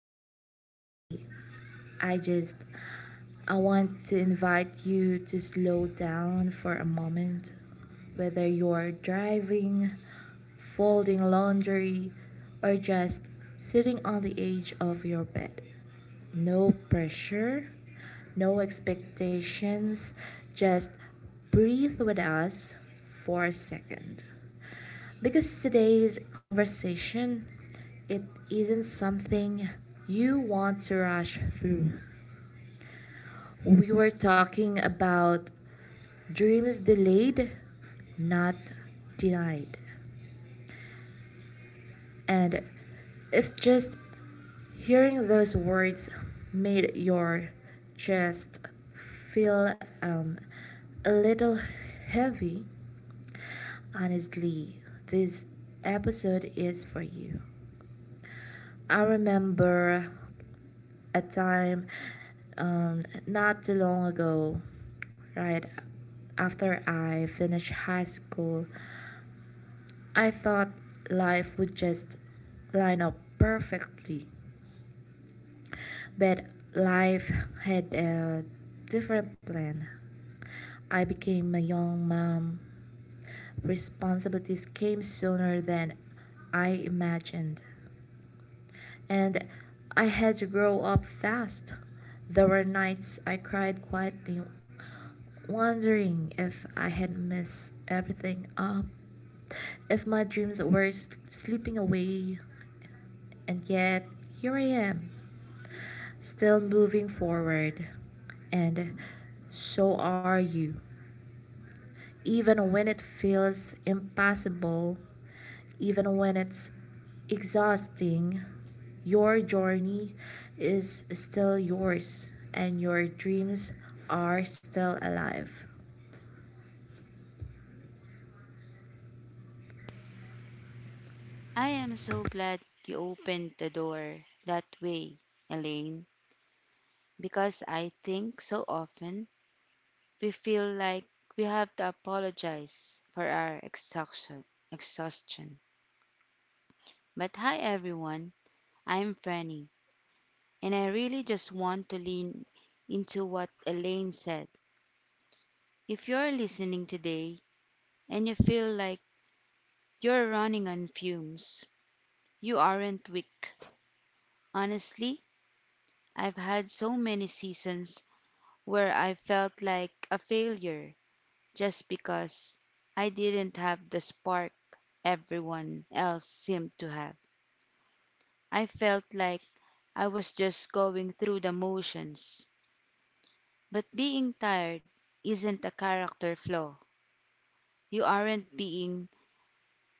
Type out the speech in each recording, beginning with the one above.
dive in today, I just I want to invite you to slow down for a moment. Whether you're driving, folding laundry, or just sitting on the edge of your bed, no pressure, no expectations, just breathe with us for a second. Because today's conversation, it isn't something you want to rush through. We were talking about dreams delayed, not denied. And if just hearing those words made your chest feel a little heavy, honestly, this episode is for you. I remember a time um, not too long ago, right after I finished high school, I thought life would just line up perfectly, but life had a different plan. I became a young mom. Responsibilities came sooner than I imagined. And I had to grow up fast. There were nights I cried quietly, wondering if I had messed everything up, if my dreams were slipping away. And yet, here I am, still moving forward. And so are you even when it feels impossible, even when it's exhausting, your journey is still yours and your dreams are still alive. I am so glad you opened the door that way, Elaine, because I think so often we feel like we have to apologize for our exhaustion. But hi everyone, I'm Franny, and I really just want to lean into what Elaine said. If you're listening today and you feel like you're running on fumes, you aren't weak. Honestly, I've had so many seasons where I felt like a failure just because I didn't have the spark everyone else seemed to have. I felt like I was just going through the motions. But being tired isn't a character flaw. You aren't being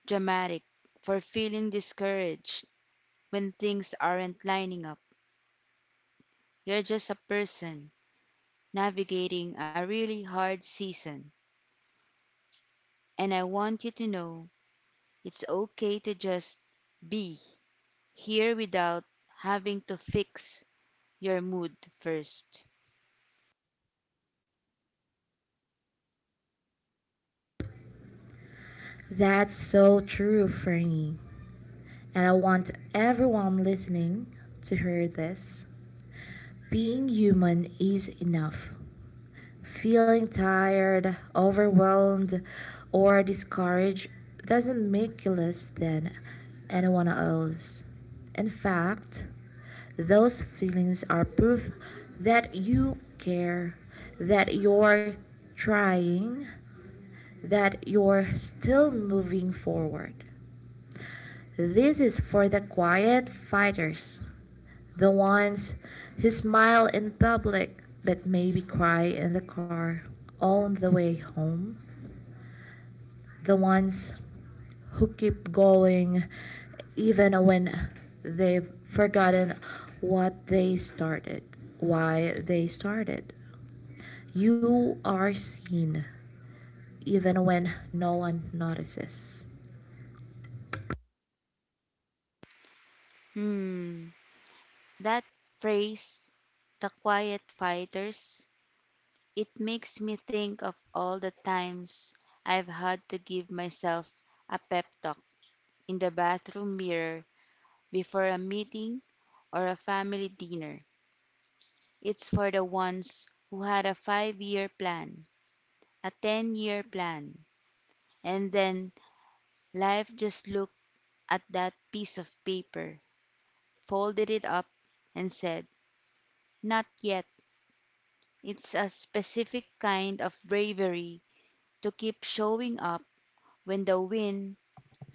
dramatic for feeling discouraged when things aren't lining up. You're just a person navigating a really hard season. And I want you to know it's okay to just be here without having to fix your mood first. That's so true, Franny. And I want everyone listening to hear this. Being human is enough. Feeling tired, overwhelmed, or discouraged doesn't make you less than anyone else. In fact, those feelings are proof that you care, that you're trying, that you're still moving forward. This is for the quiet fighters, the ones who smile in public but maybe cry in the car on the way home, the ones who keep going even when they've forgotten what they started, why they started. You are seen even when no one notices. Hmm, that phrase, the quiet fighters, it makes me think of all the times I've had to give myself a pep talk in the bathroom mirror before a meeting or a family dinner. It's for the ones who had a 5-year plan, a 10-year plan, and then life just looked at that piece of paper, folded it up, and said, "Not yet. It's a specific kind of bravery to keep showing up when the wind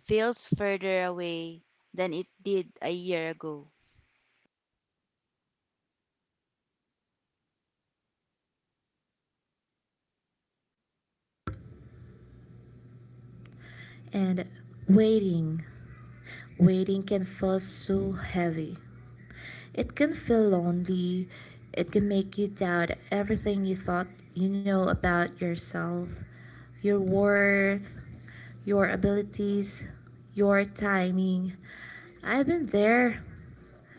feels further away than it did a year ago." And waiting. Waiting can feel so heavy. It can feel lonely. It can make you doubt everything you thought you know about yourself, your worth, your abilities, your timing. I've been there.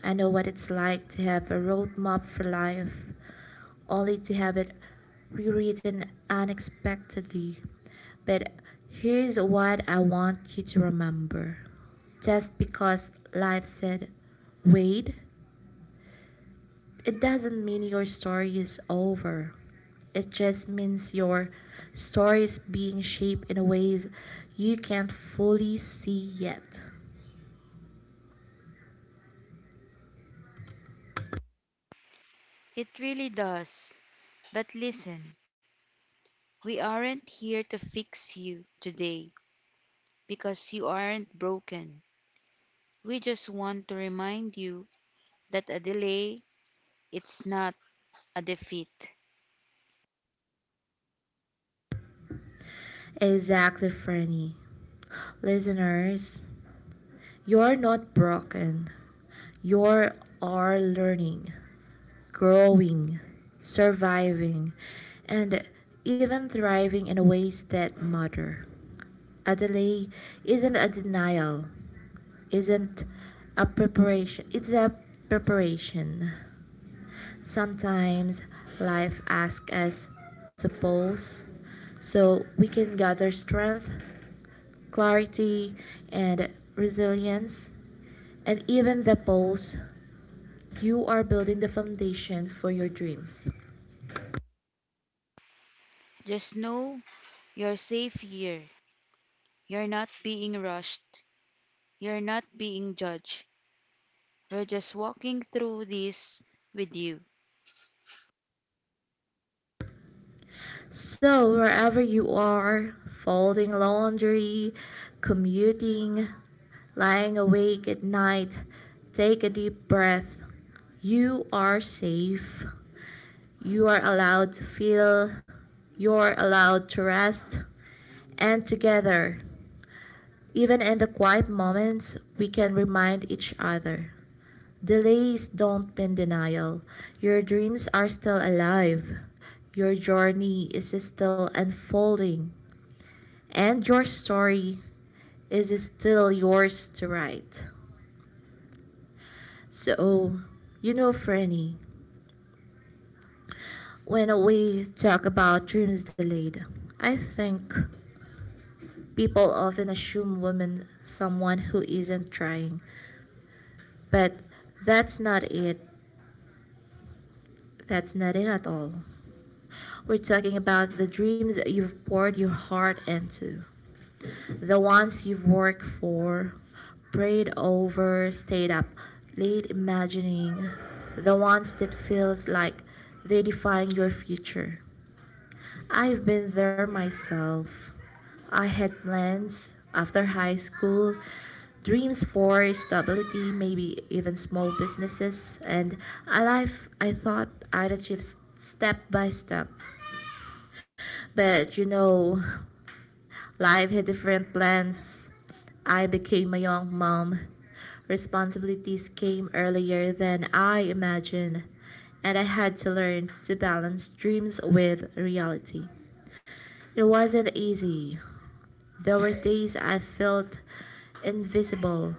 I know what it's like to have a roadmap for life, only to have it rewritten unexpectedly. But here's what I want you to remember. Just because life said, wait, it doesn't mean your story is over. It just means your story is being shaped in ways you can't fully see yet. It really does. But listen, we aren't here to fix you today because you aren't broken. We just want to remind you that a delay, it's not a defeat. Exactly, Franny. Listeners, you're not broken. You are learning, growing, surviving, and even thriving in ways that matter. A delay isn't a denial, isn't a preparation, it's a preparation. Sometimes life asks us to pause so we can gather strength, clarity, and resilience. And even the pause, you are building the foundation for your dreams. Just know you're safe here. You're not being rushed. You're not being judged. We're just walking through this with you. So, wherever you are, folding laundry, commuting, lying awake at night, take a deep breath. You are safe. You are allowed to feel. You're allowed to rest. And together, even in the quiet moments, we can remind each other. Delays don't mean denial. Your dreams are still alive. Your journey is still unfolding. And your story is still yours to write. So, you know, Franny, when we talk about dreams delayed, I think people often assume women someone who isn't trying. But that's not it. That's not it at all. We're talking about the dreams that you've poured your heart into. The ones you've worked for, prayed over, stayed up late imagining. The ones that feels like they define your future. I've been there myself. I had plans after high school, dreams for stability, maybe even small businesses, and a life I thought I'd achieve step by step. But you know, life had different plans. I became a young mom. Responsibilities came earlier than I imagined, and I had to learn to balance dreams with reality. It wasn't easy. There were days I felt invisible,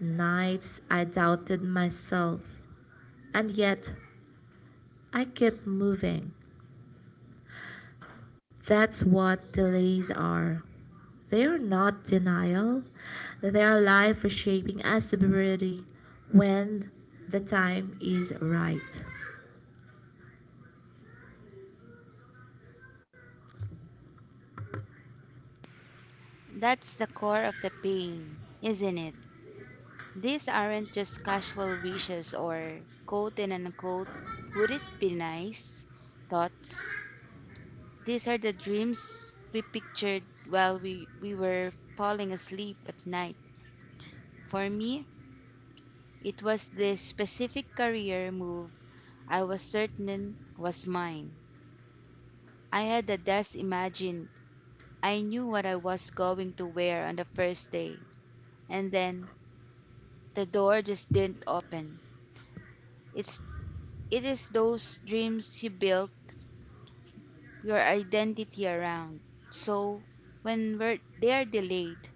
nights I doubted myself, and yet I kept moving. That's what delays are. They are not denial, they are life reshaping us to be ready when the time is right. That's the core of the pain, isn't it? These aren't just casual wishes or quote and unquote, would it be nice thoughts. These are the dreams we pictured while we were falling asleep at night. For me, it was this specific career move I was certain was mine. I had a desk imagine I knew what I was going to wear on the first day, and then the door just didn't open. It's it is those dreams you built your identity around. So when they are delayed,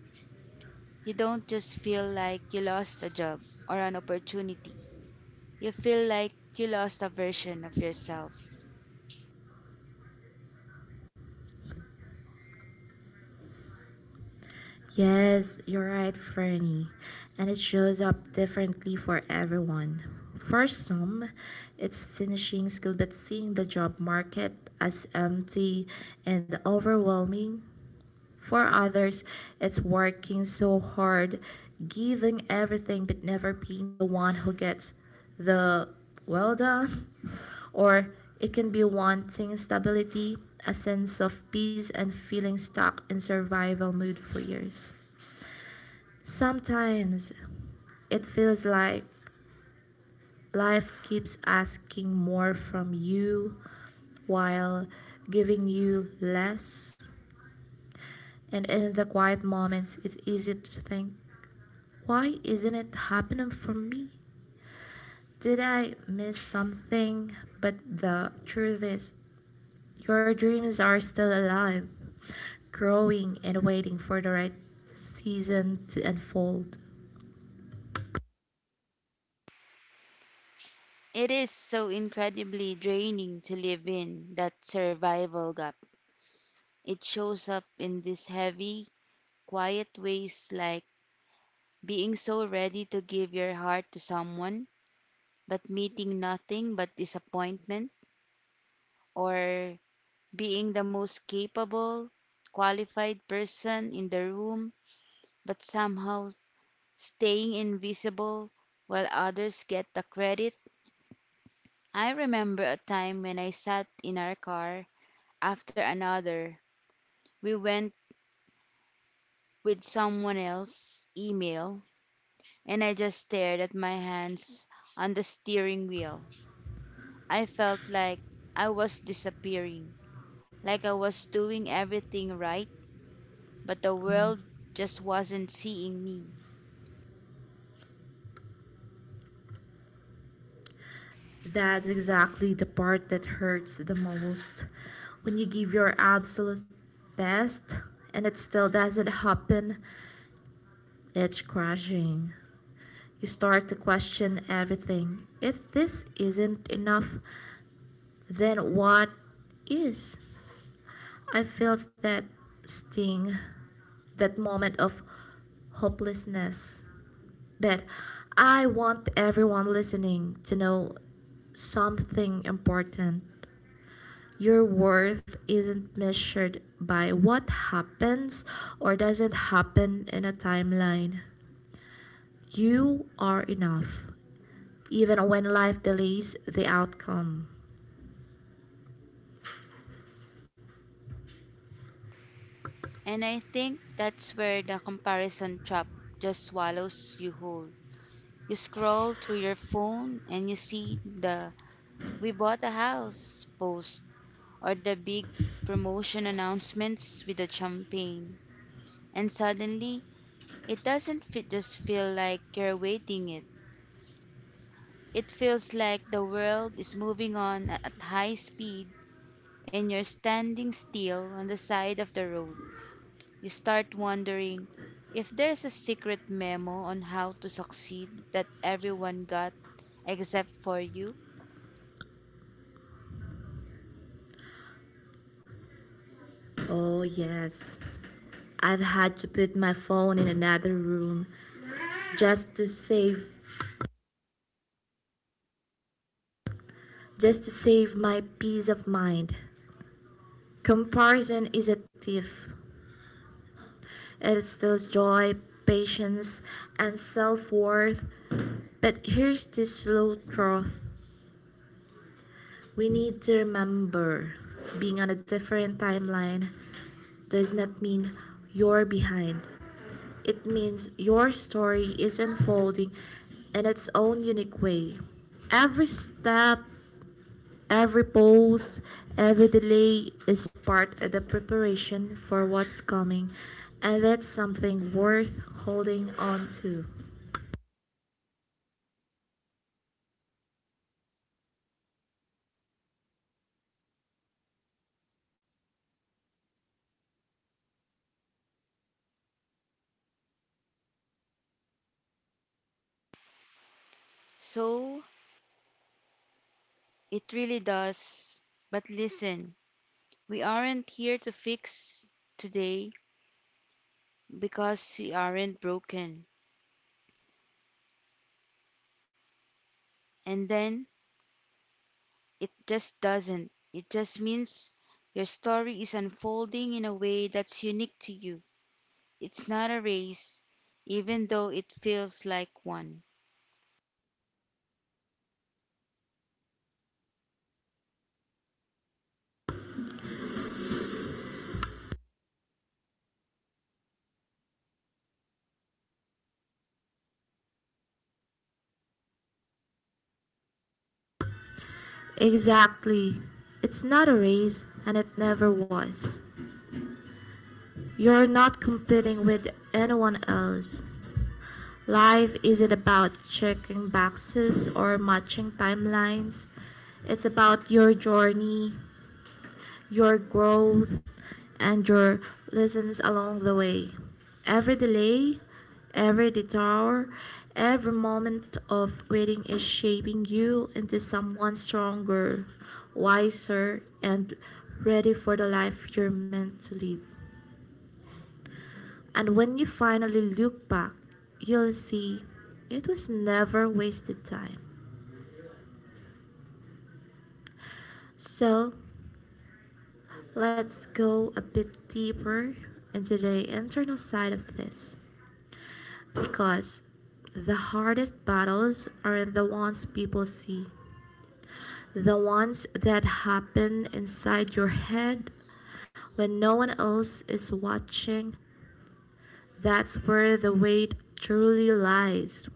you don't just feel like you lost a job or an opportunity. You feel like you lost a version of yourself. Yes, you're right, Fernie. And it shows up differently for everyone. For some, it's finishing skill, but seeing the job market as empty and overwhelming. For others, it's working so hard, giving everything, but never being the one who gets the well done. Or it can be wanting stability, a sense of peace, and feeling stuck in survival mode for years. Sometimes it feels like life keeps asking more from you while giving you less. And in the quiet moments, it's easy to think, why isn't it happening for me? Did I miss something? But the truth is, your dreams are still alive, growing and waiting for the right season to unfold. It is so incredibly draining to live in that survival gap. It shows up in these heavy, quiet ways like being so ready to give your heart to someone, but meeting nothing but disappointment, or being the most capable, qualified person in the room, but somehow staying invisible while others get the credit. I remember a time when I sat in our car after another. We went with someone else's email, and I just stared at my hands on the steering wheel. I felt like I was disappearing, like I was doing everything right, but the world just wasn't seeing me. That's exactly the part that hurts the most. When you give your absolute best and it still doesn't happen, it's crushing. You start to question everything. If this isn't enough, then what is? I felt that sting, that moment of hopelessness. But I want everyone listening to know something important. Your worth isn't measured by what happens or doesn't happen in a timeline. You are enough, even when life delays the outcome. And I think that's where the comparison trap just swallows you whole. You scroll through your phone and you see the we bought a house post or the big promotion announcements with the champagne. And suddenly, it doesn't fit, just feel like you're waiting it. It feels like the world is moving on at high speed and you're standing still on the side of the road. You start wondering if there's a secret memo on how to succeed that everyone got except for you. Oh, yes. I've had to put my phone in another room just to save just to save my peace of mind. Comparison is a thief. It steals joy, patience, and self-worth. But here's the slow truth. We need to remember being on a different timeline does not mean you're behind. It means your story is unfolding in its own unique way. Every step, every pause, every delay is part of the preparation for what's coming, and that's something worth holding on to. So it really does. But listen, we aren't here to fix today because we aren't broken. And then it just doesn't. It just means your story is unfolding in a way that's unique to you. It's not a race, even though it feels like one. Exactly. It's not a race, and it never was. You're not competing with anyone else. Life isn't about checking boxes or matching timelines. It's about your journey, your growth, and your lessons along the way. Every delay, every detour, every moment of waiting is shaping you into someone stronger, wiser, and ready for the life you're meant to live. And when you finally look back, you'll see it was never wasted time. So let's go a bit deeper into the internal side of this because the hardest battles are the ones people see, the ones that happen inside your head when no one else is watching. That's where the weight truly lies.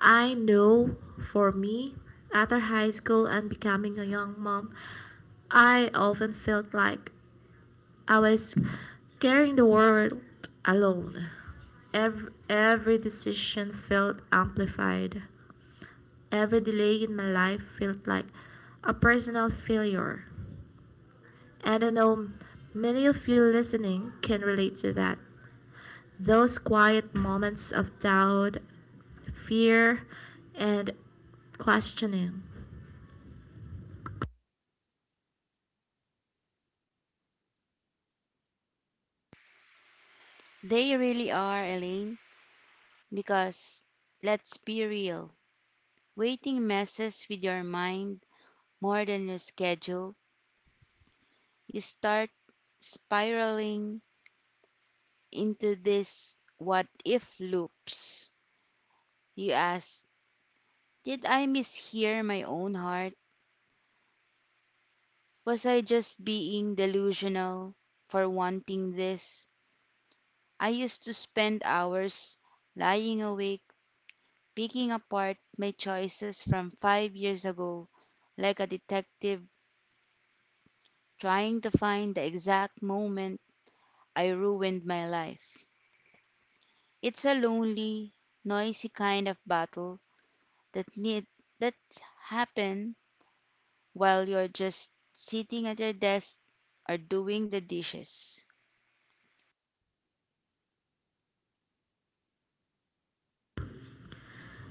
I know for me, after high school and becoming a young mom, I often felt like I was carrying the world alone. Every decision felt amplified. Every delay in my life felt like a personal failure. And I know many of you listening can relate to that. Those quiet moments of doubt, fear, and questioning. They really are, Elaine, because let's be real, waiting messes with your mind more than your schedule. You start spiraling into this what if loops. You ask, did I mishear my own heart? Was I just being delusional for wanting this? I used to spend hours lying awake, picking apart my choices from 5 years ago, like a detective trying to find the exact moment I ruined my life. It's a lonely, noisy kind of battle that need that happen while you're just sitting at your desk or doing the dishes.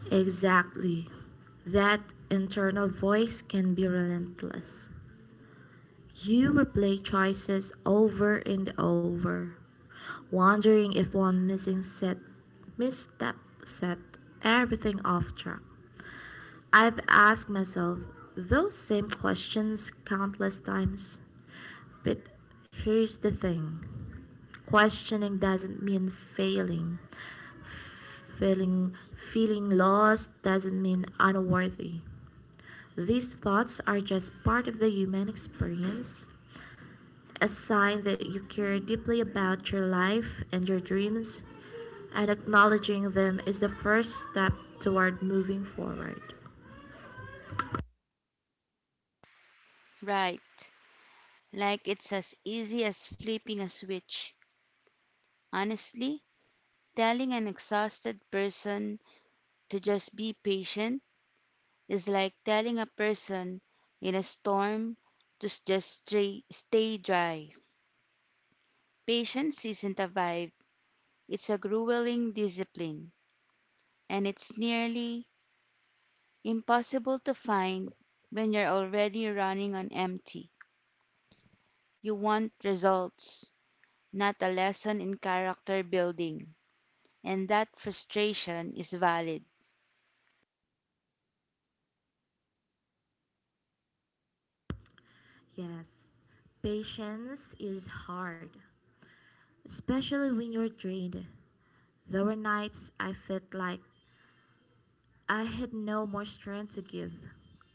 Exactly. That internal voice can be relentless. You replay choices over and over, wondering if one missing set misstep set everything off track. I've asked myself those same questions countless times. But here's the thing. Questioning doesn't mean failing. Feeling lost doesn't mean unworthy. These thoughts are just part of the human experience, a sign that you care deeply about your life and your dreams, and acknowledging them is the first step toward moving forward. Right. Like it's as easy as flipping a switch. Honestly, telling an exhausted person to just be patient is like telling a person in a storm to just stay dry. Patience isn't a vibe, it's a grueling discipline, and it's nearly impossible to find when you're already running on empty. You want results, not a lesson in character building. And that frustration is valid. Yes. Patience is hard, especially when you're drained. There were nights I felt like I had no more strength to give,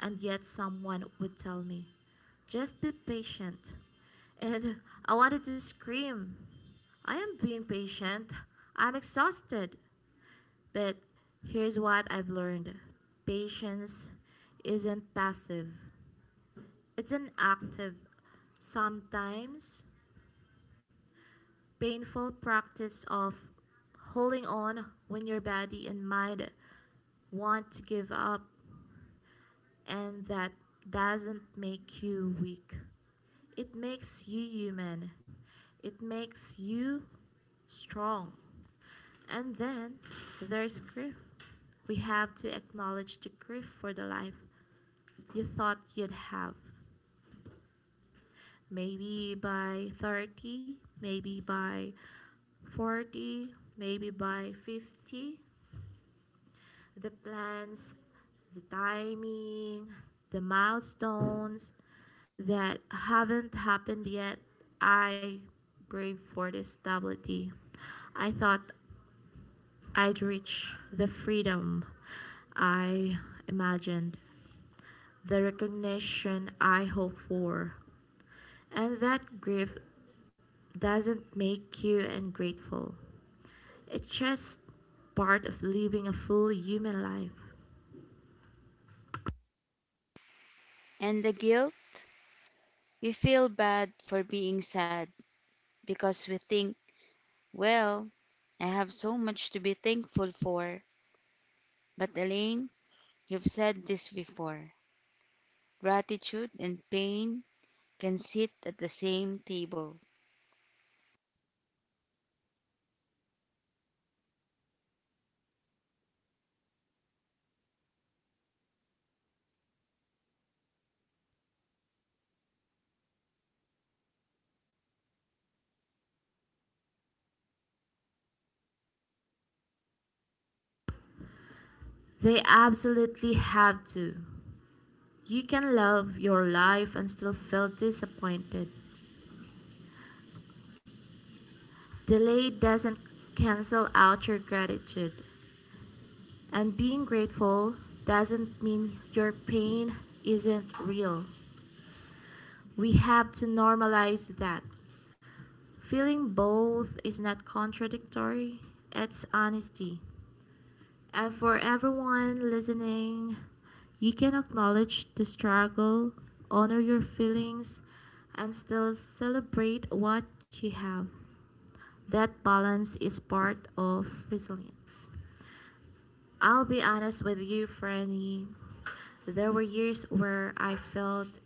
and yet someone would tell me, just be patient. And I wanted to scream, I am being patient. I'm exhausted. But here's what I've learned. Patience isn't passive, it's an active, sometimes painful practice of holding on when your body and mind want to give up. And that doesn't make you weak. It makes you human. It makes you strong. And then there's grief. We have to acknowledge the grief for the life you thought you'd have. Maybe by 30, maybe by 40, maybe by 50. The plans, the timing, the milestones, that haven't happened yet, I brave for this stability. I thought I'd reach the freedom I imagined, the recognition I hoped for. And that grief doesn't make you ungrateful. It's just part of living a full human life. And the guilt? We feel bad for being sad because we think, well, I have so much to be thankful for. But Elaine, you've said this before, gratitude and pain can sit at the same table. They absolutely have to. You can love your life and still feel disappointed. Delay doesn't cancel out your gratitude, and being grateful doesn't mean your pain isn't real. We have to normalize that. Feeling both is not contradictory, it's honesty. And for everyone listening, you can acknowledge the struggle, honor your feelings, and still celebrate what you have. That balance is part of resilience. I'll be honest with you, Franny. There were years where I felt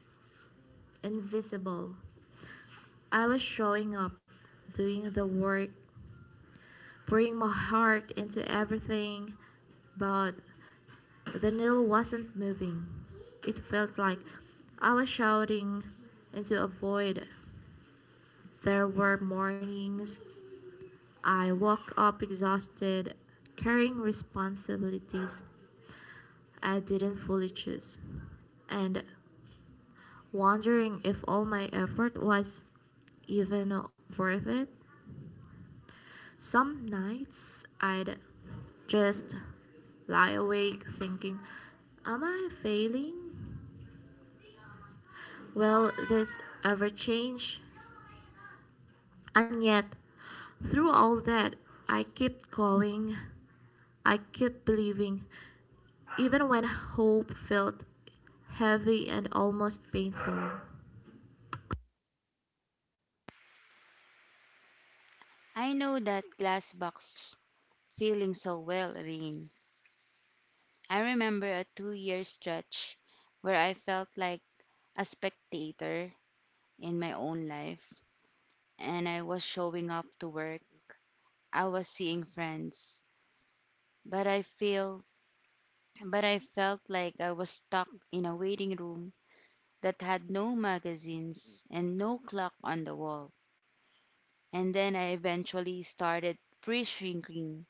invisible. I was showing up, doing the work, pouring my heart into everything, but the needle wasn't moving. It felt like I was shouting into a void. There were mornings I woke up exhausted, carrying responsibilities I didn't fully choose, and wondering if all my effort was even worth it. Some nights I'd just lie awake thinking, am I failing? Will this ever change? And yet, through all that, I kept going. I kept believing, even when hope felt heavy and almost painful. I know that glass box feeling so well, Elaine. I remember a 2-year stretch where I felt like a spectator in my own life. And I was showing up to work. I was seeing friends, but I feel but I felt like I was stuck in a waiting room that had no magazines and no clock on the wall. And then I eventually started pre-shrinking,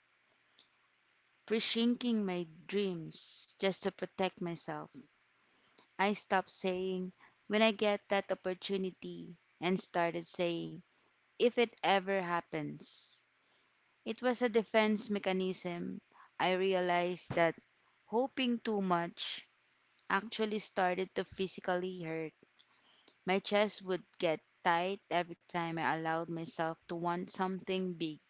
pre-shrinking my dreams just to protect myself. I stopped saying when I get that opportunity and started saying if it ever happens. It was a defense mechanism I realized that hoping too much actually started to physically hurt. My chest would get tight every time I allowed myself to want something big.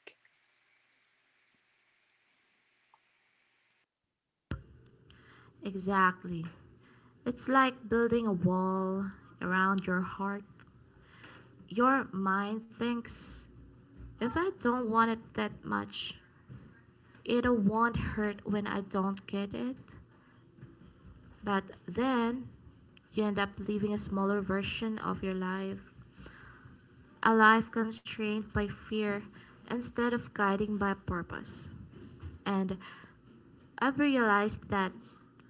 Exactly. It's like building a wall around your heart. Your mind thinks if I don't want it that much, it won't hurt when I don't get it. But then you end up living a smaller version of your life, a life constrained by fear instead of guiding by purpose. And I've realized that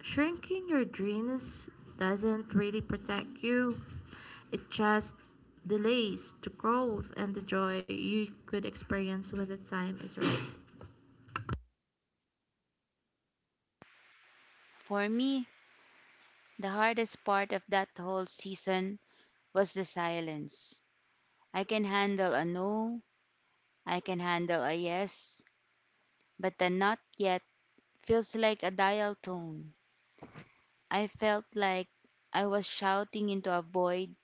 shrinking your dreams doesn't really protect you, it just delays the growth and the joy you could experience when the time is right. For me, the hardest part of that whole season was the silence. I can handle a no, I can handle a yes, but the not yet feels like a dial tone. I felt like I was shouting into a void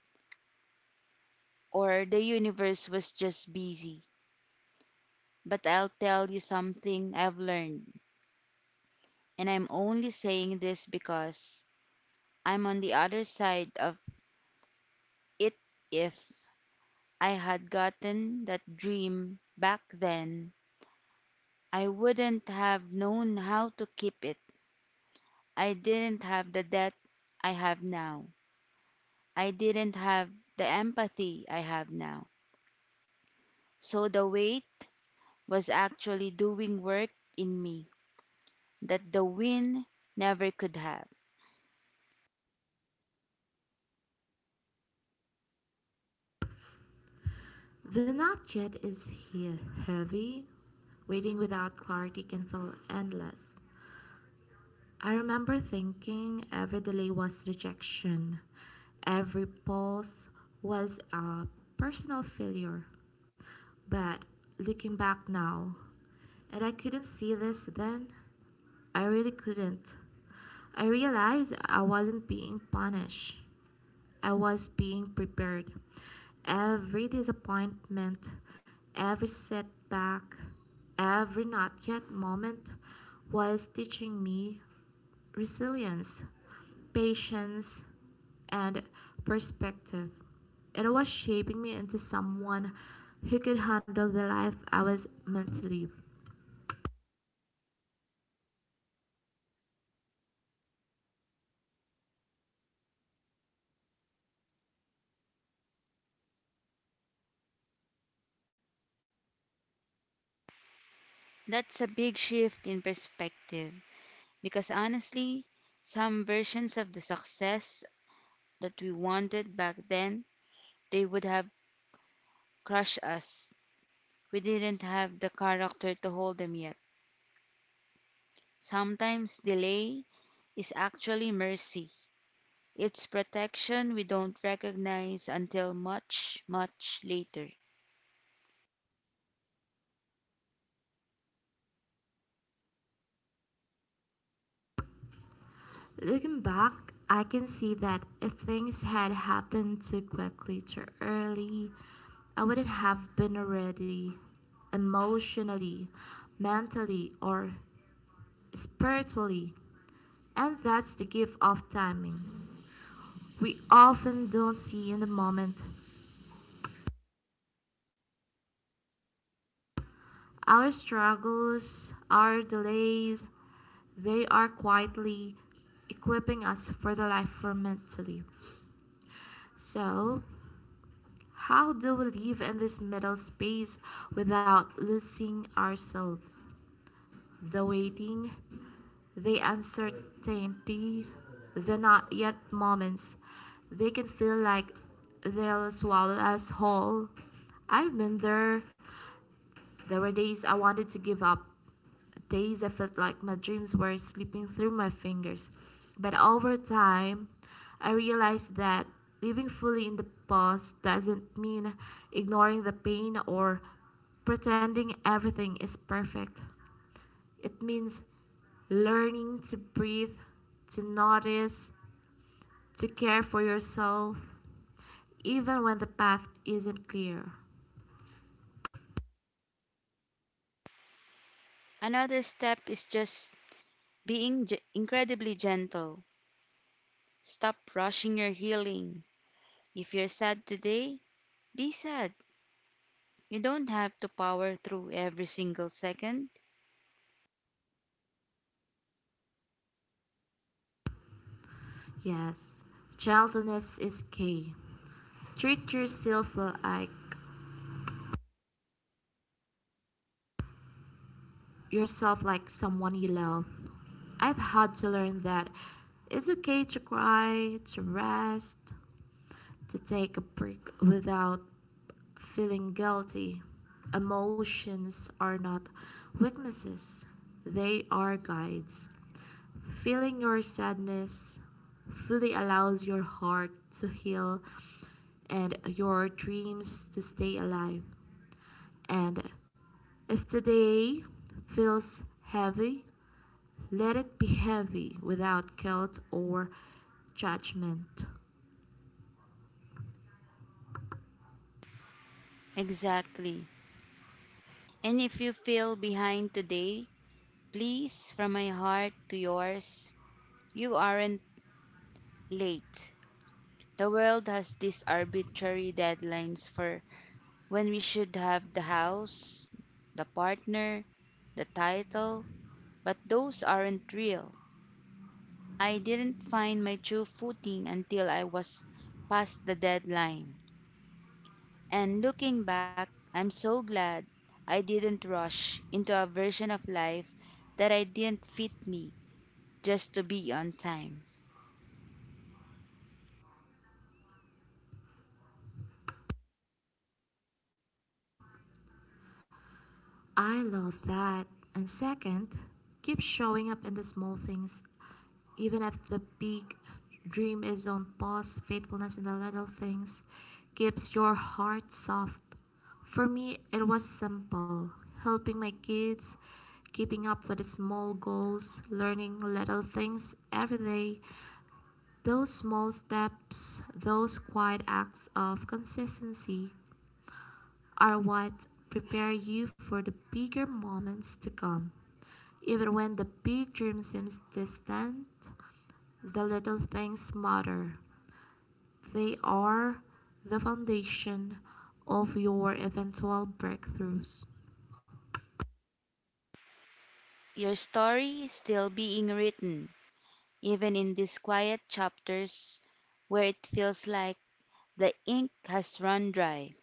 or the universe was just busy. But I'll tell you something I've learned, and I'm only saying this because I'm on the other side of it. If I had gotten that dream back then, I wouldn't have known how to keep it. I didn't have the depth I have now. I didn't have the empathy I have now. So the weight was actually doing work in me that the win never could have. The not yet is heavy. Waiting without clarity can feel endless. I remember thinking every delay was rejection, every pause was a personal failure. But looking back now, and I couldn't see this then, I really couldn't. I realized I wasn't being punished, I was being prepared. Every disappointment, every setback, every not yet moment was teaching me resilience, patience, and perspective. It was shaping me into someone who could handle the life I was meant to live. That's a big shift in perspective. Because honestly, some versions of the success that we wanted back then, they would have crushed us. We didn't have the character to hold them yet. Sometimes delay is actually mercy. It's protection we don't recognize until much, much later. Looking back, I can see that if things had happened too quickly, too early, I wouldn't have been ready emotionally, mentally, or spiritually. And that's the gift of timing. We often don't see in the moment. Our struggles, our delays, they are quietly equipping us for the life we're meant to live. So, how do we live in this middle space without losing ourselves? The waiting, the uncertainty, the not yet moments, they can feel like they'll swallow us whole. I've been there. There were days I wanted to give up, days I felt like my dreams were slipping through my fingers. But over time, I realized that living fully in the past doesn't mean ignoring the pain or pretending everything is perfect. It means learning to breathe, to notice, to care for yourself, even when the path isn't clear. Another step is just being incredibly gentle. Stop rushing your healing. If you're sad today, be sad. You don't have to power through every single second. Yes, gentleness is key. Treat yourself like someone you love. I've had to learn that it's okay to cry, to rest, to take a break without feeling guilty. Emotions are not weaknesses, they are guides. Feeling your sadness fully allows your heart to heal and your dreams to stay alive. And if today feels heavy, let it be heavy without guilt or judgment. Exactly. And if you feel behind today, please, from my heart to yours, you aren't late. The world has these arbitrary deadlines for when we should have the house, the partner, the title, but those aren't real. I didn't find my true footing until I was past the deadline. And looking back, I'm so glad I didn't rush into a version of life that I didn't fit me just to be on time. I love that. And second, keep showing up in the small things. Even if the big dream is on pause, faithfulness in the little things keeps your heart soft. For me, it was simple: helping my kids, keeping up with the small goals, learning little things every day. Those small steps, those quiet acts of consistency are what prepare you for the bigger moments to come. Even when the big dream seems distant, the little things matter. They are the foundation of your eventual breakthroughs. Your story is still being written, even in these quiet chapters where it feels like the ink has run dry.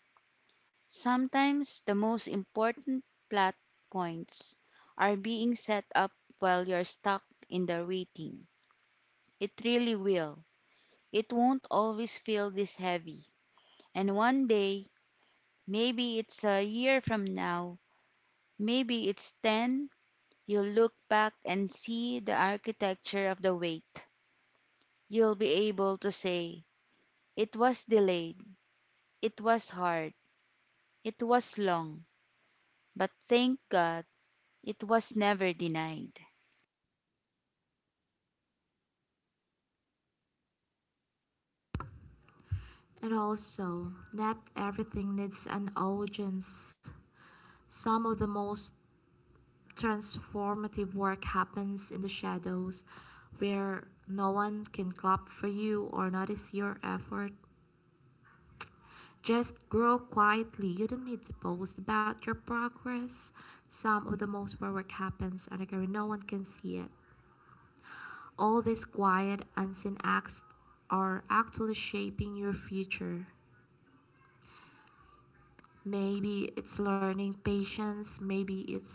Sometimes the most important plot points are being set up while you're stuck in the waiting. It really will. It won't always feel this heavy. And one day, maybe it's a year from now, maybe it's 10, you'll look back and see the architecture of the wait. You'll be able to say, it was delayed, it was hard, it was long, but thank God, it was never denied. And also, not everything needs an audience. Some of the most transformative work happens in the shadows where no one can clap for you or notice your effort. Just grow quietly. You don't need to post about your progress. Some of the most where work happens underground, no one can see it. All these quiet, unseen acts are actually shaping your future. Maybe it's learning patience, maybe it's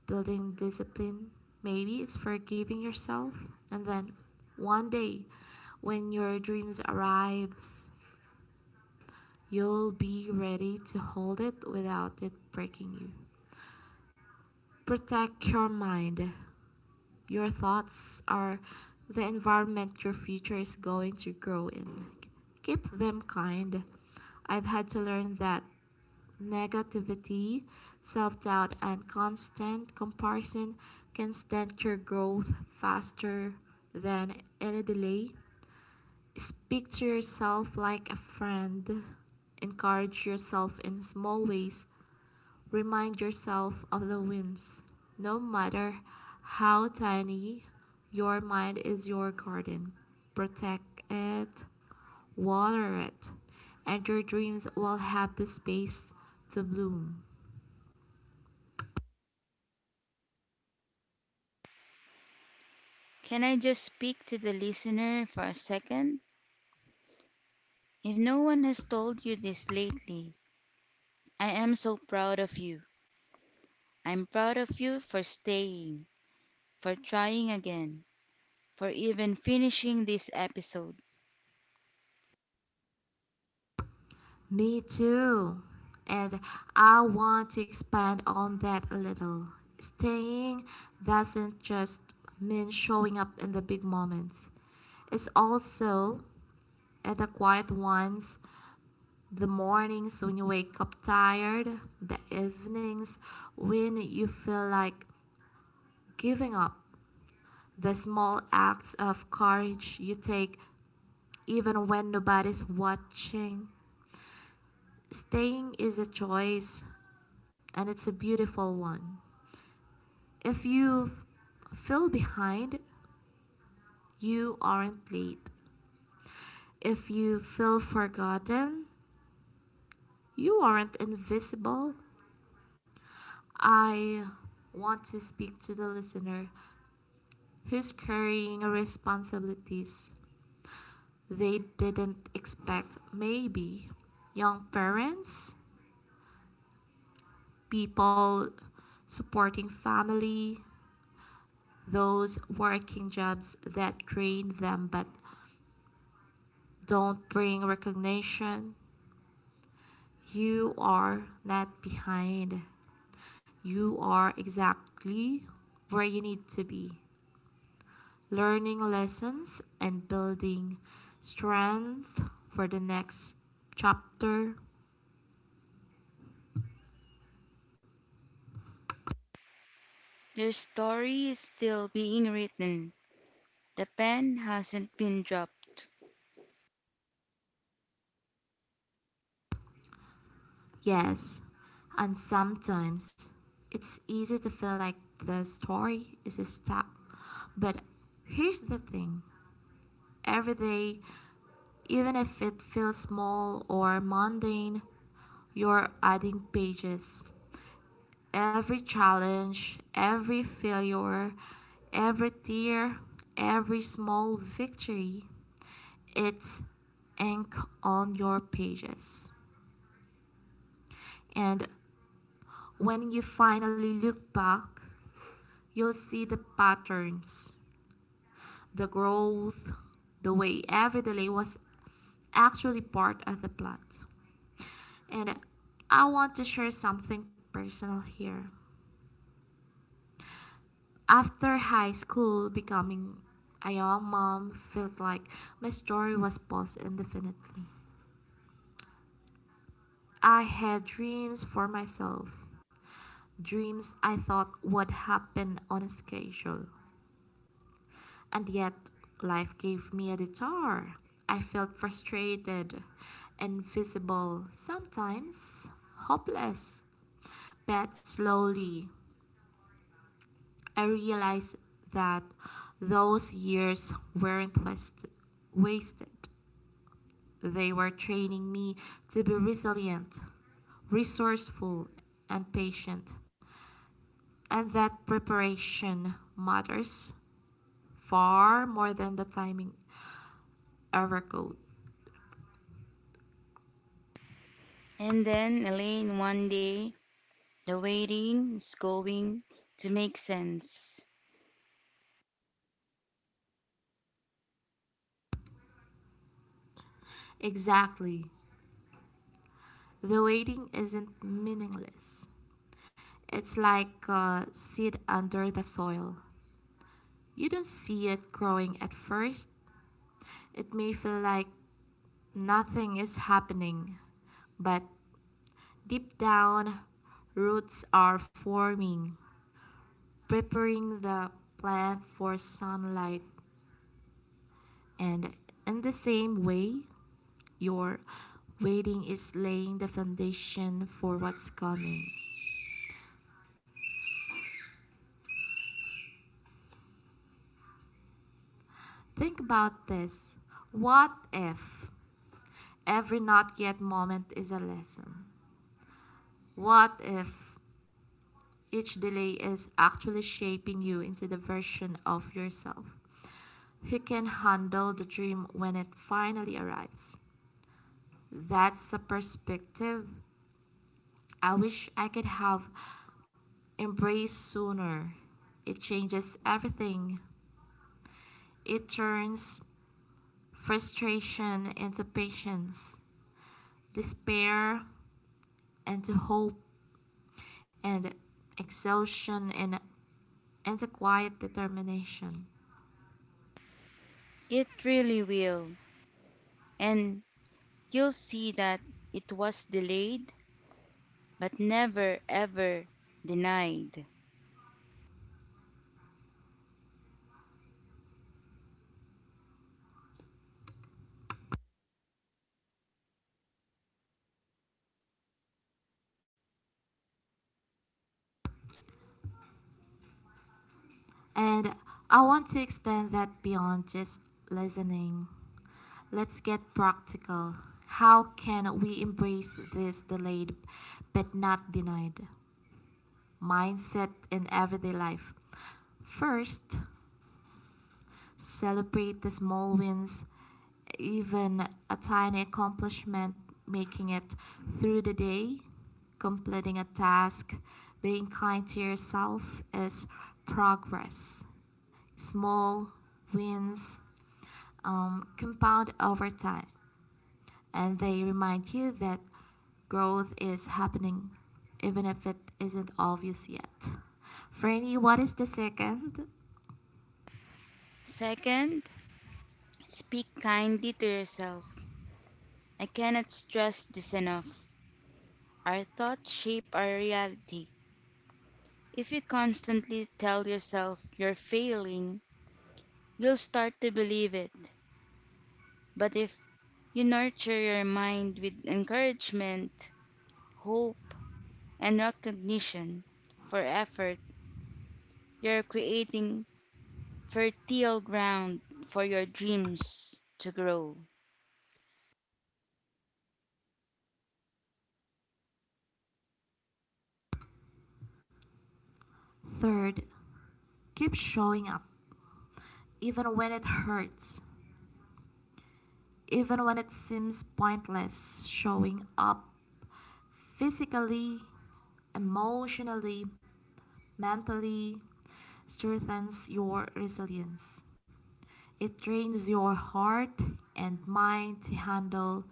building discipline, maybe it's forgiving yourself. And then one day, when your dreams arrives, you'll be ready to hold it without it breaking you. Protect your mind. Your thoughts are the environment your future is going to grow in. Keep them kind. I've had to learn that negativity, self doubt, and constant comparison can stunt your growth faster than any delay. Speak to yourself like a friend. Encourage yourself in small ways. Remind yourself of the wins. No matter how tiny, your mind is your garden. Protect it, water it, and your dreams will have the space to bloom. Can I just speak to the listener for a second? If no one has told you this lately, I am so proud of you. I'm proud of you for staying, for trying again, for even finishing this episode. Me too. And I want to expand on that a little. Staying doesn't just mean showing up in the big moments, it's also at the quiet ones: the mornings when you wake up tired, the evenings when you feel like giving up, the small acts of courage you take even when nobody's watching. Staying is a choice, and it's a beautiful one. If you feel behind, you aren't late. If you feel forgotten, you aren't invisible. I want to speak to the listener who's carrying responsibilities they didn't expect, maybe young parents, people supporting family, those working jobs that drain them but don't bring recognition. You are not behind. You are exactly where you need to be, learning lessons and building strength for the next chapter. Your story is still being written, the pen hasn't been dropped. Yes, and sometimes it's easy to feel like the story is stuck, but here's the thing: every day, even if it feels small or mundane, you're adding pages. Every challenge, every failure, every tear, every small victory, it's ink on your pages. And when you finally look back, you'll see the patterns, the growth, the way every delay was actually part of the plot. And I want to share something personal here. After high school, becoming a young mom felt like my story was paused indefinitely. I had dreams for myself, dreams I thought would happen on a schedule. And yet, life gave me a detour. I felt frustrated, invisible, sometimes hopeless. But slowly, I realized that those years weren't wasted. They were training me to be resilient, resourceful, and patient, and that preparation matters far more than the timing ever could. And then, Elaine, one day, the waiting is going to make sense. Exactly. The waiting isn't meaningless. It's like a seed under the soil. You don't see it growing at first. It may feel like nothing is happening, but deep down, roots are forming, preparing the plant for sunlight. And in the same way, your waiting is laying the foundation for what's coming. Think about this: what if every not yet moment is a lesson? What if each delay is actually shaping you into the version of yourself who can handle the dream when it finally arrives? That's a perspective I wish I could have embrace sooner. It changes everything. It turns frustration into patience, despair into hope, and exhaustion and into quiet determination. It really will. And you'll see that it was delayed, but never ever denied. And I want to extend that beyond just listening. Let's get practical. How can we embrace this delayed but not denied mindset in everyday life? First, celebrate the small wins. Even a tiny accomplishment, making it through the day, completing a task, being kind to yourself is progress. Small wins compound over time, and they remind you that growth is happening, even if it isn't obvious yet. Franny, what is the second? Second, speak kindly to yourself. I cannot stress this enough. Our thoughts shape our reality. If you constantly tell yourself you're failing, you'll start to believe it. But if you nurture your mind with encouragement, hope, and recognition for effort, you're creating fertile ground for your dreams to grow. Third, keep showing up, even when it hurts, even when it seems pointless. Showing up physically, emotionally, mentally strengthens your resilience. It trains your heart and mind to handle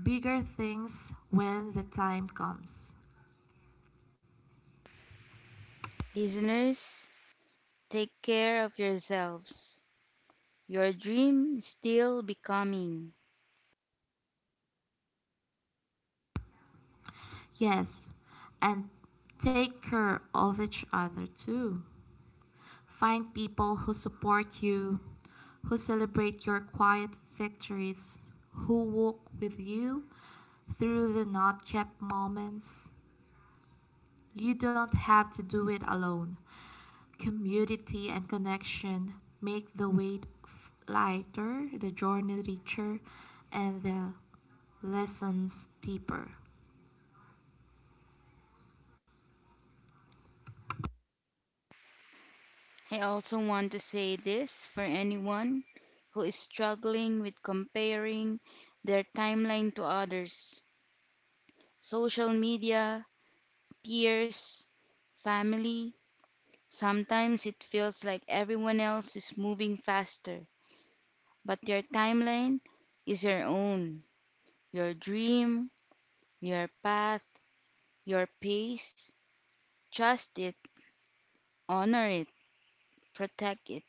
bigger things when the time comes. Listeners, take care of yourselves. Your dream is still becoming. Yes, and take care of each other too. Find people who support you, who celebrate your quiet victories, who walk with you through the not yet moments. You don't have to do it alone. Community and connection make the weight lighter, the journey richer, and the lessons deeper. I also want to say this for anyone who is struggling with comparing their timeline to others. Social media, peers, family. Sometimes it feels like everyone else is moving faster, but your timeline is your own. Your dream, your path, your pace. Trust it, honor it, protect it.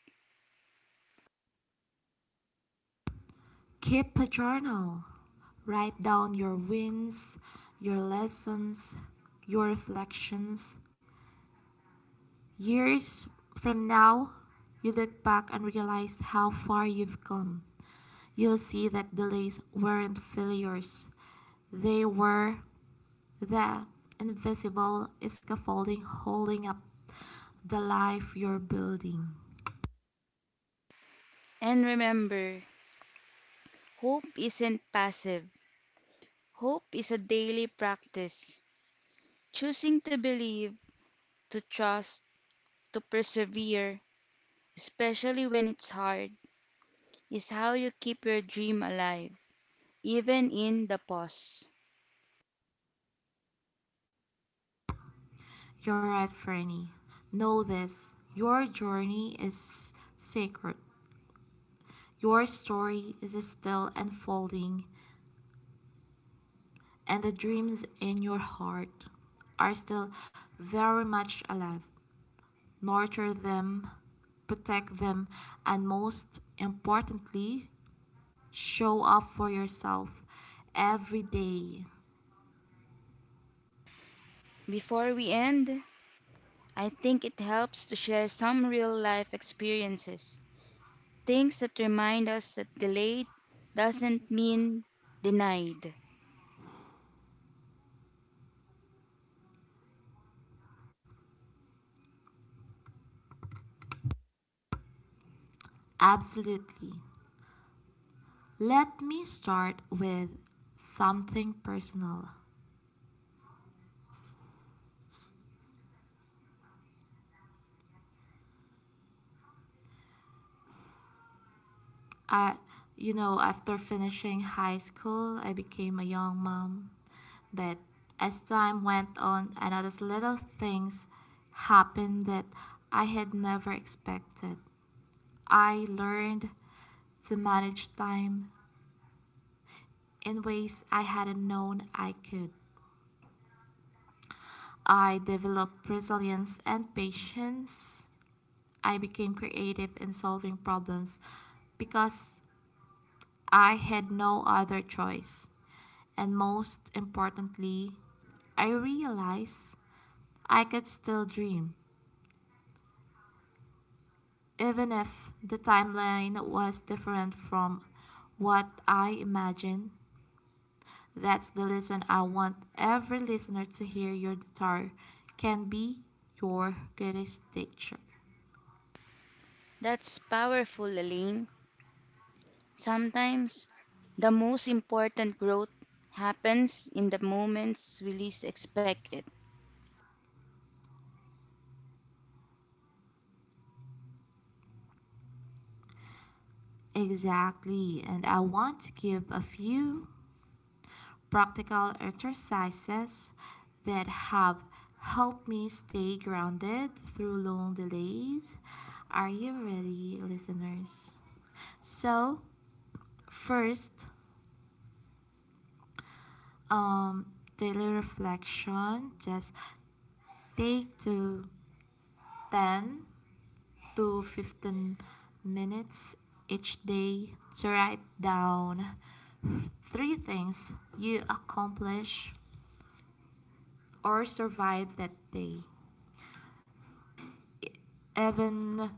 Keep a journal. Write down your wins, your lessons, your reflections. Years from now, you look back and realize how far you've come. You'll see that delays weren't failures. They were there, invisible scaffolding holding up the life you're building. And remember, hope isn't passive. Hope is a daily practice, choosing to believe, to trust, to persevere, especially when it's hard, is how you keep your dream alive, even in the pause. You're right, Franny. Know this: your journey is sacred. Your story is still unfolding, and the dreams in your heart are still very much alive. Nurture them, protect them, and most importantly, show up for yourself every day. Before we end, I think it helps to share some real life experiences, things that remind us that delayed doesn't mean denied. Absolutely. Let me start with something personal. I, you know, after finishing high school, I became a young mom. But as time went on, I noticed little things happened that I had never expected. I learned to manage time in ways I hadn't known I could. I developed resilience and patience. I became creative in solving problems because I had no other choice. And most importantly, I realized I could still dream, even if the timeline was different from what I imagined. That's the lesson I want every listener to hear: your guitar can be your greatest teacher. That's powerful, Elaine. Sometimes the most important growth happens in the moments we least expect it. Exactly, and I want to give a few practical exercises that have helped me stay grounded through long delays. Are you ready, listeners? So, first, daily reflection. Just take to 10 to 15 minutes each day to write down three things you accomplished or survived that day. Even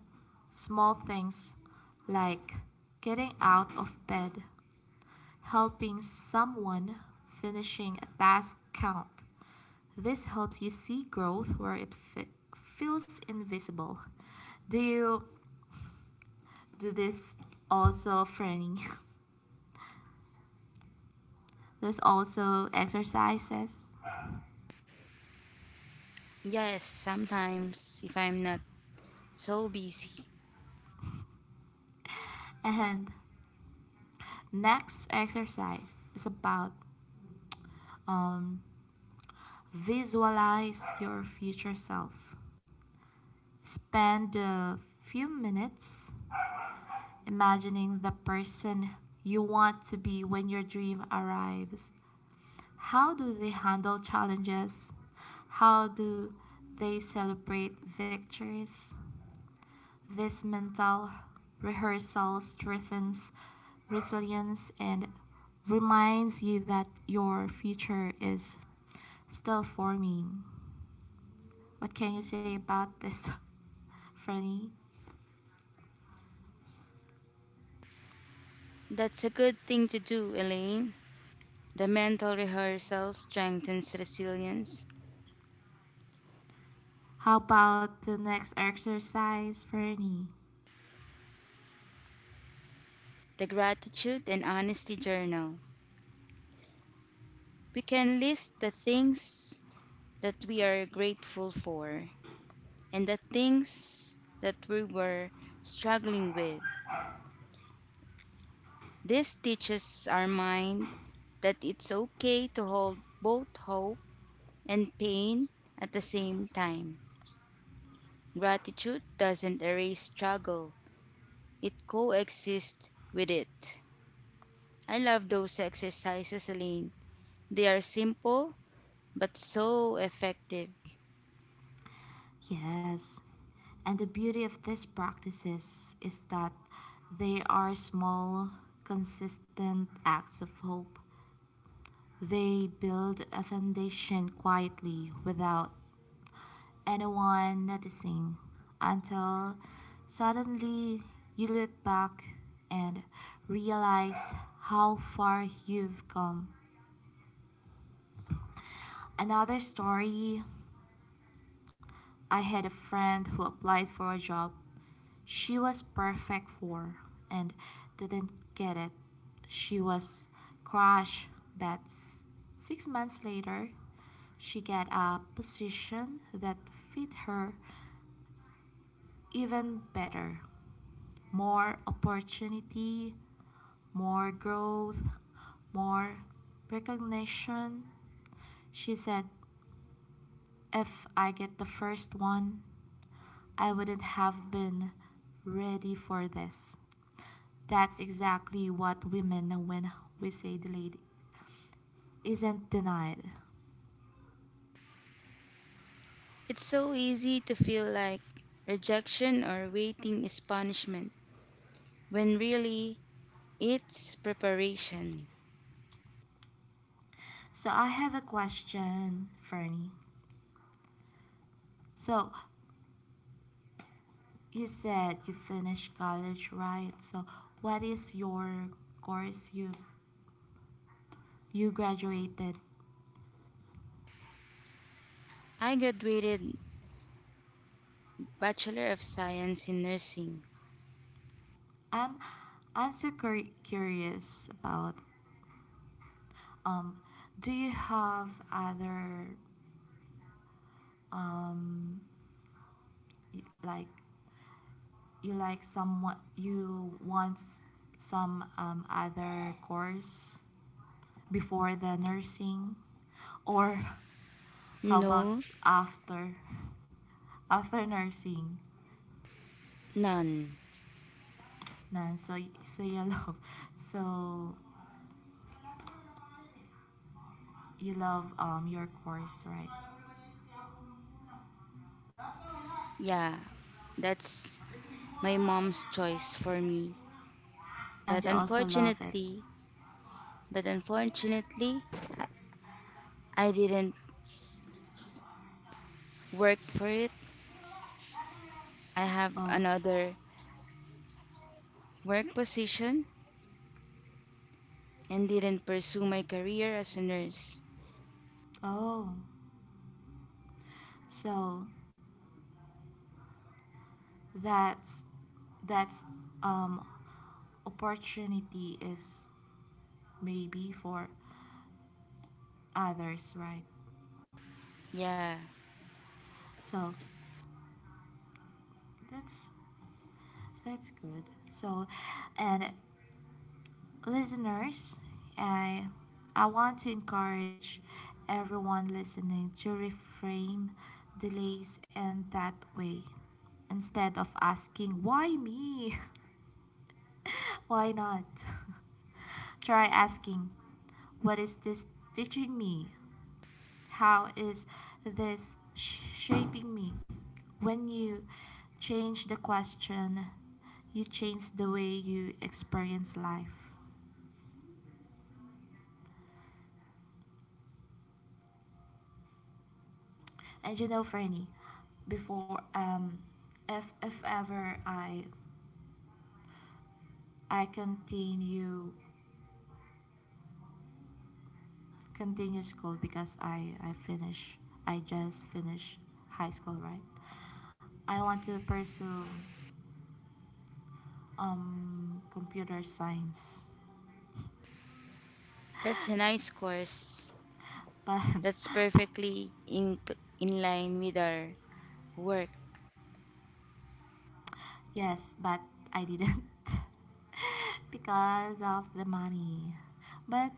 small things like getting out of bed, helping someone, finishing a task count. This helps you see growth where it feels invisible. Do you do this also, Franny? There's also exercises. Yes, sometimes if I'm not so busy. And next exercise is about visualize your future self. Spend a few minutes imagining the person you want to be when your dream arrives. How do they handle challenges? How do they celebrate victories? This mental rehearsal strengthens resilience and reminds you that your future is still forming. What can you say about this, Fernie? That's a good thing to do, Elaine. The mental rehearsal strengthens resilience. How about the next exercise, Fernie? The gratitude and honesty journal. We can list the things that we are grateful for and the things that we were struggling with. This teaches our mind that it's okay to hold both hope and pain at the same time. Gratitude doesn't erase struggle, it coexists with it. I love those exercises, Elaine. They are simple but so effective. Yes. And the beauty of these practices is that they are small, consistent acts of hope. They build a foundation quietly without anyone noticing until suddenly you look back and realize how far you've come. Another story: I had a friend who applied for a job she was perfect for and didn't get it. She was crushed, but 6 months later, she got a position that fit her even better. More opportunity, more growth, more recognition. She said, "If I get the first one, I wouldn't have been ready for this." That's exactly what we mean when we say the lady isn't denied. It's so easy to feel like rejection or waiting is punishment, when really it's preparation. So I have a question, Fernie. So you said you finished college, right? So what is your course you graduated? I graduated Bachelor of Science in Nursing. I'm I'm so curious about um do you have other um like you like someone you want some other course before the nursing or how about No, after after nursing. none. Na so so you love so you love your course, right? Yeah, that's my mom's choice for me. But And you also love it. unfortunately, but unfortunately, I didn't work for it. I have Oh. another work position and didn't pursue my career as a nurse. Oh, so that's that's um opportunity is maybe for others, right? Yeah, So that's that's good. So, and listeners, I I want to encourage everyone listening to reframe delays in that way. Instead of asking why me, why not. Try asking, what is this teaching me? How is this shaping me? When you change the question, you change the way you experience life. And you know, Franny, before if ever I continue school because I just finish high school, right? I want to pursue computer science, that's a nice course. but That's perfectly in line with our work. yes, but I didn't. Because of the money. But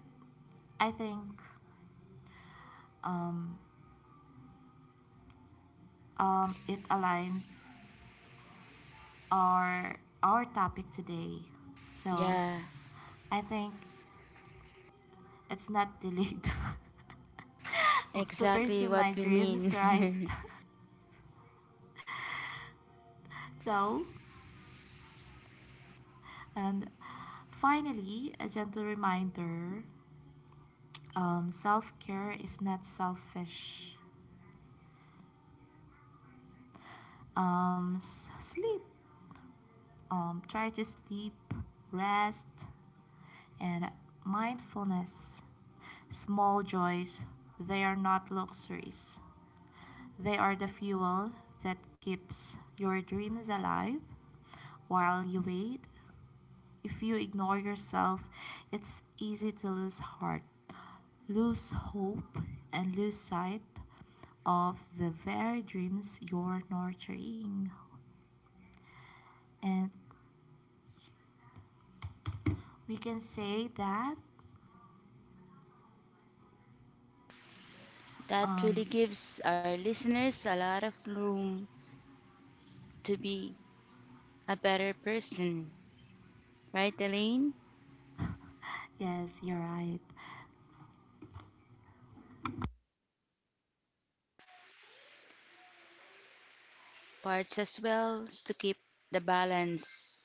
I think um, it aligns our topic today. So Yeah, I think it's not too late to exactly pursue what my we dreams, right? mean. So and finally, a gentle reminder: self care is not selfish. S- sleep. Try to sleep, rest, and mindfulness. Small joys, they are not luxuries. They are the fuel that keeps your dreams alive while you wait. If you ignore yourself, it's easy to lose heart, lose hope, and lose sight of the very dreams you're nurturing. And we can say that, That really um, gives our listeners a lot of room to be a better person. Right, Elaine? yes, you're right. Parts as well to keep the balance.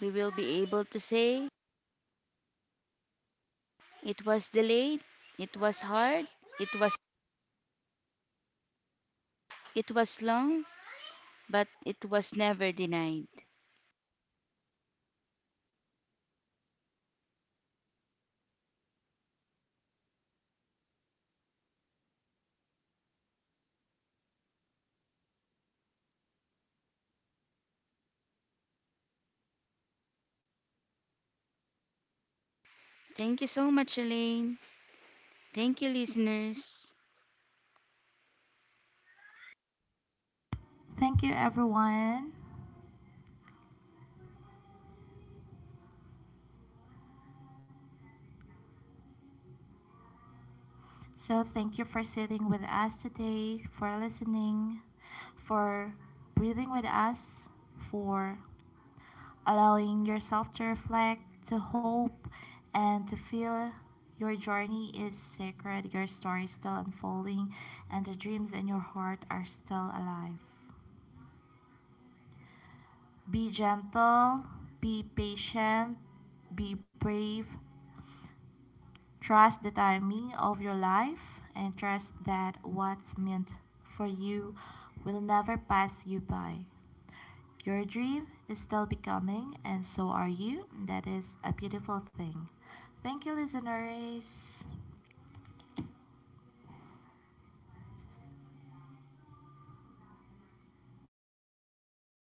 We will be able to say it was delayed, it was hard, it was it was long, but it was never denied. Thank you so much, Elaine. Thank you, listeners. Thank you, everyone. So thank you for sitting with us today, for listening, for breathing with us, for allowing yourself to reflect, to hope, and to feel. Your journey is sacred, your story is still unfolding, and the dreams in your heart are still alive. Be gentle, be patient, be brave. Trust the timing of your life and trust that what's meant for you will never pass you by. Your dream is still becoming, and so are you. That is a beautiful thing. Thank you, listeners.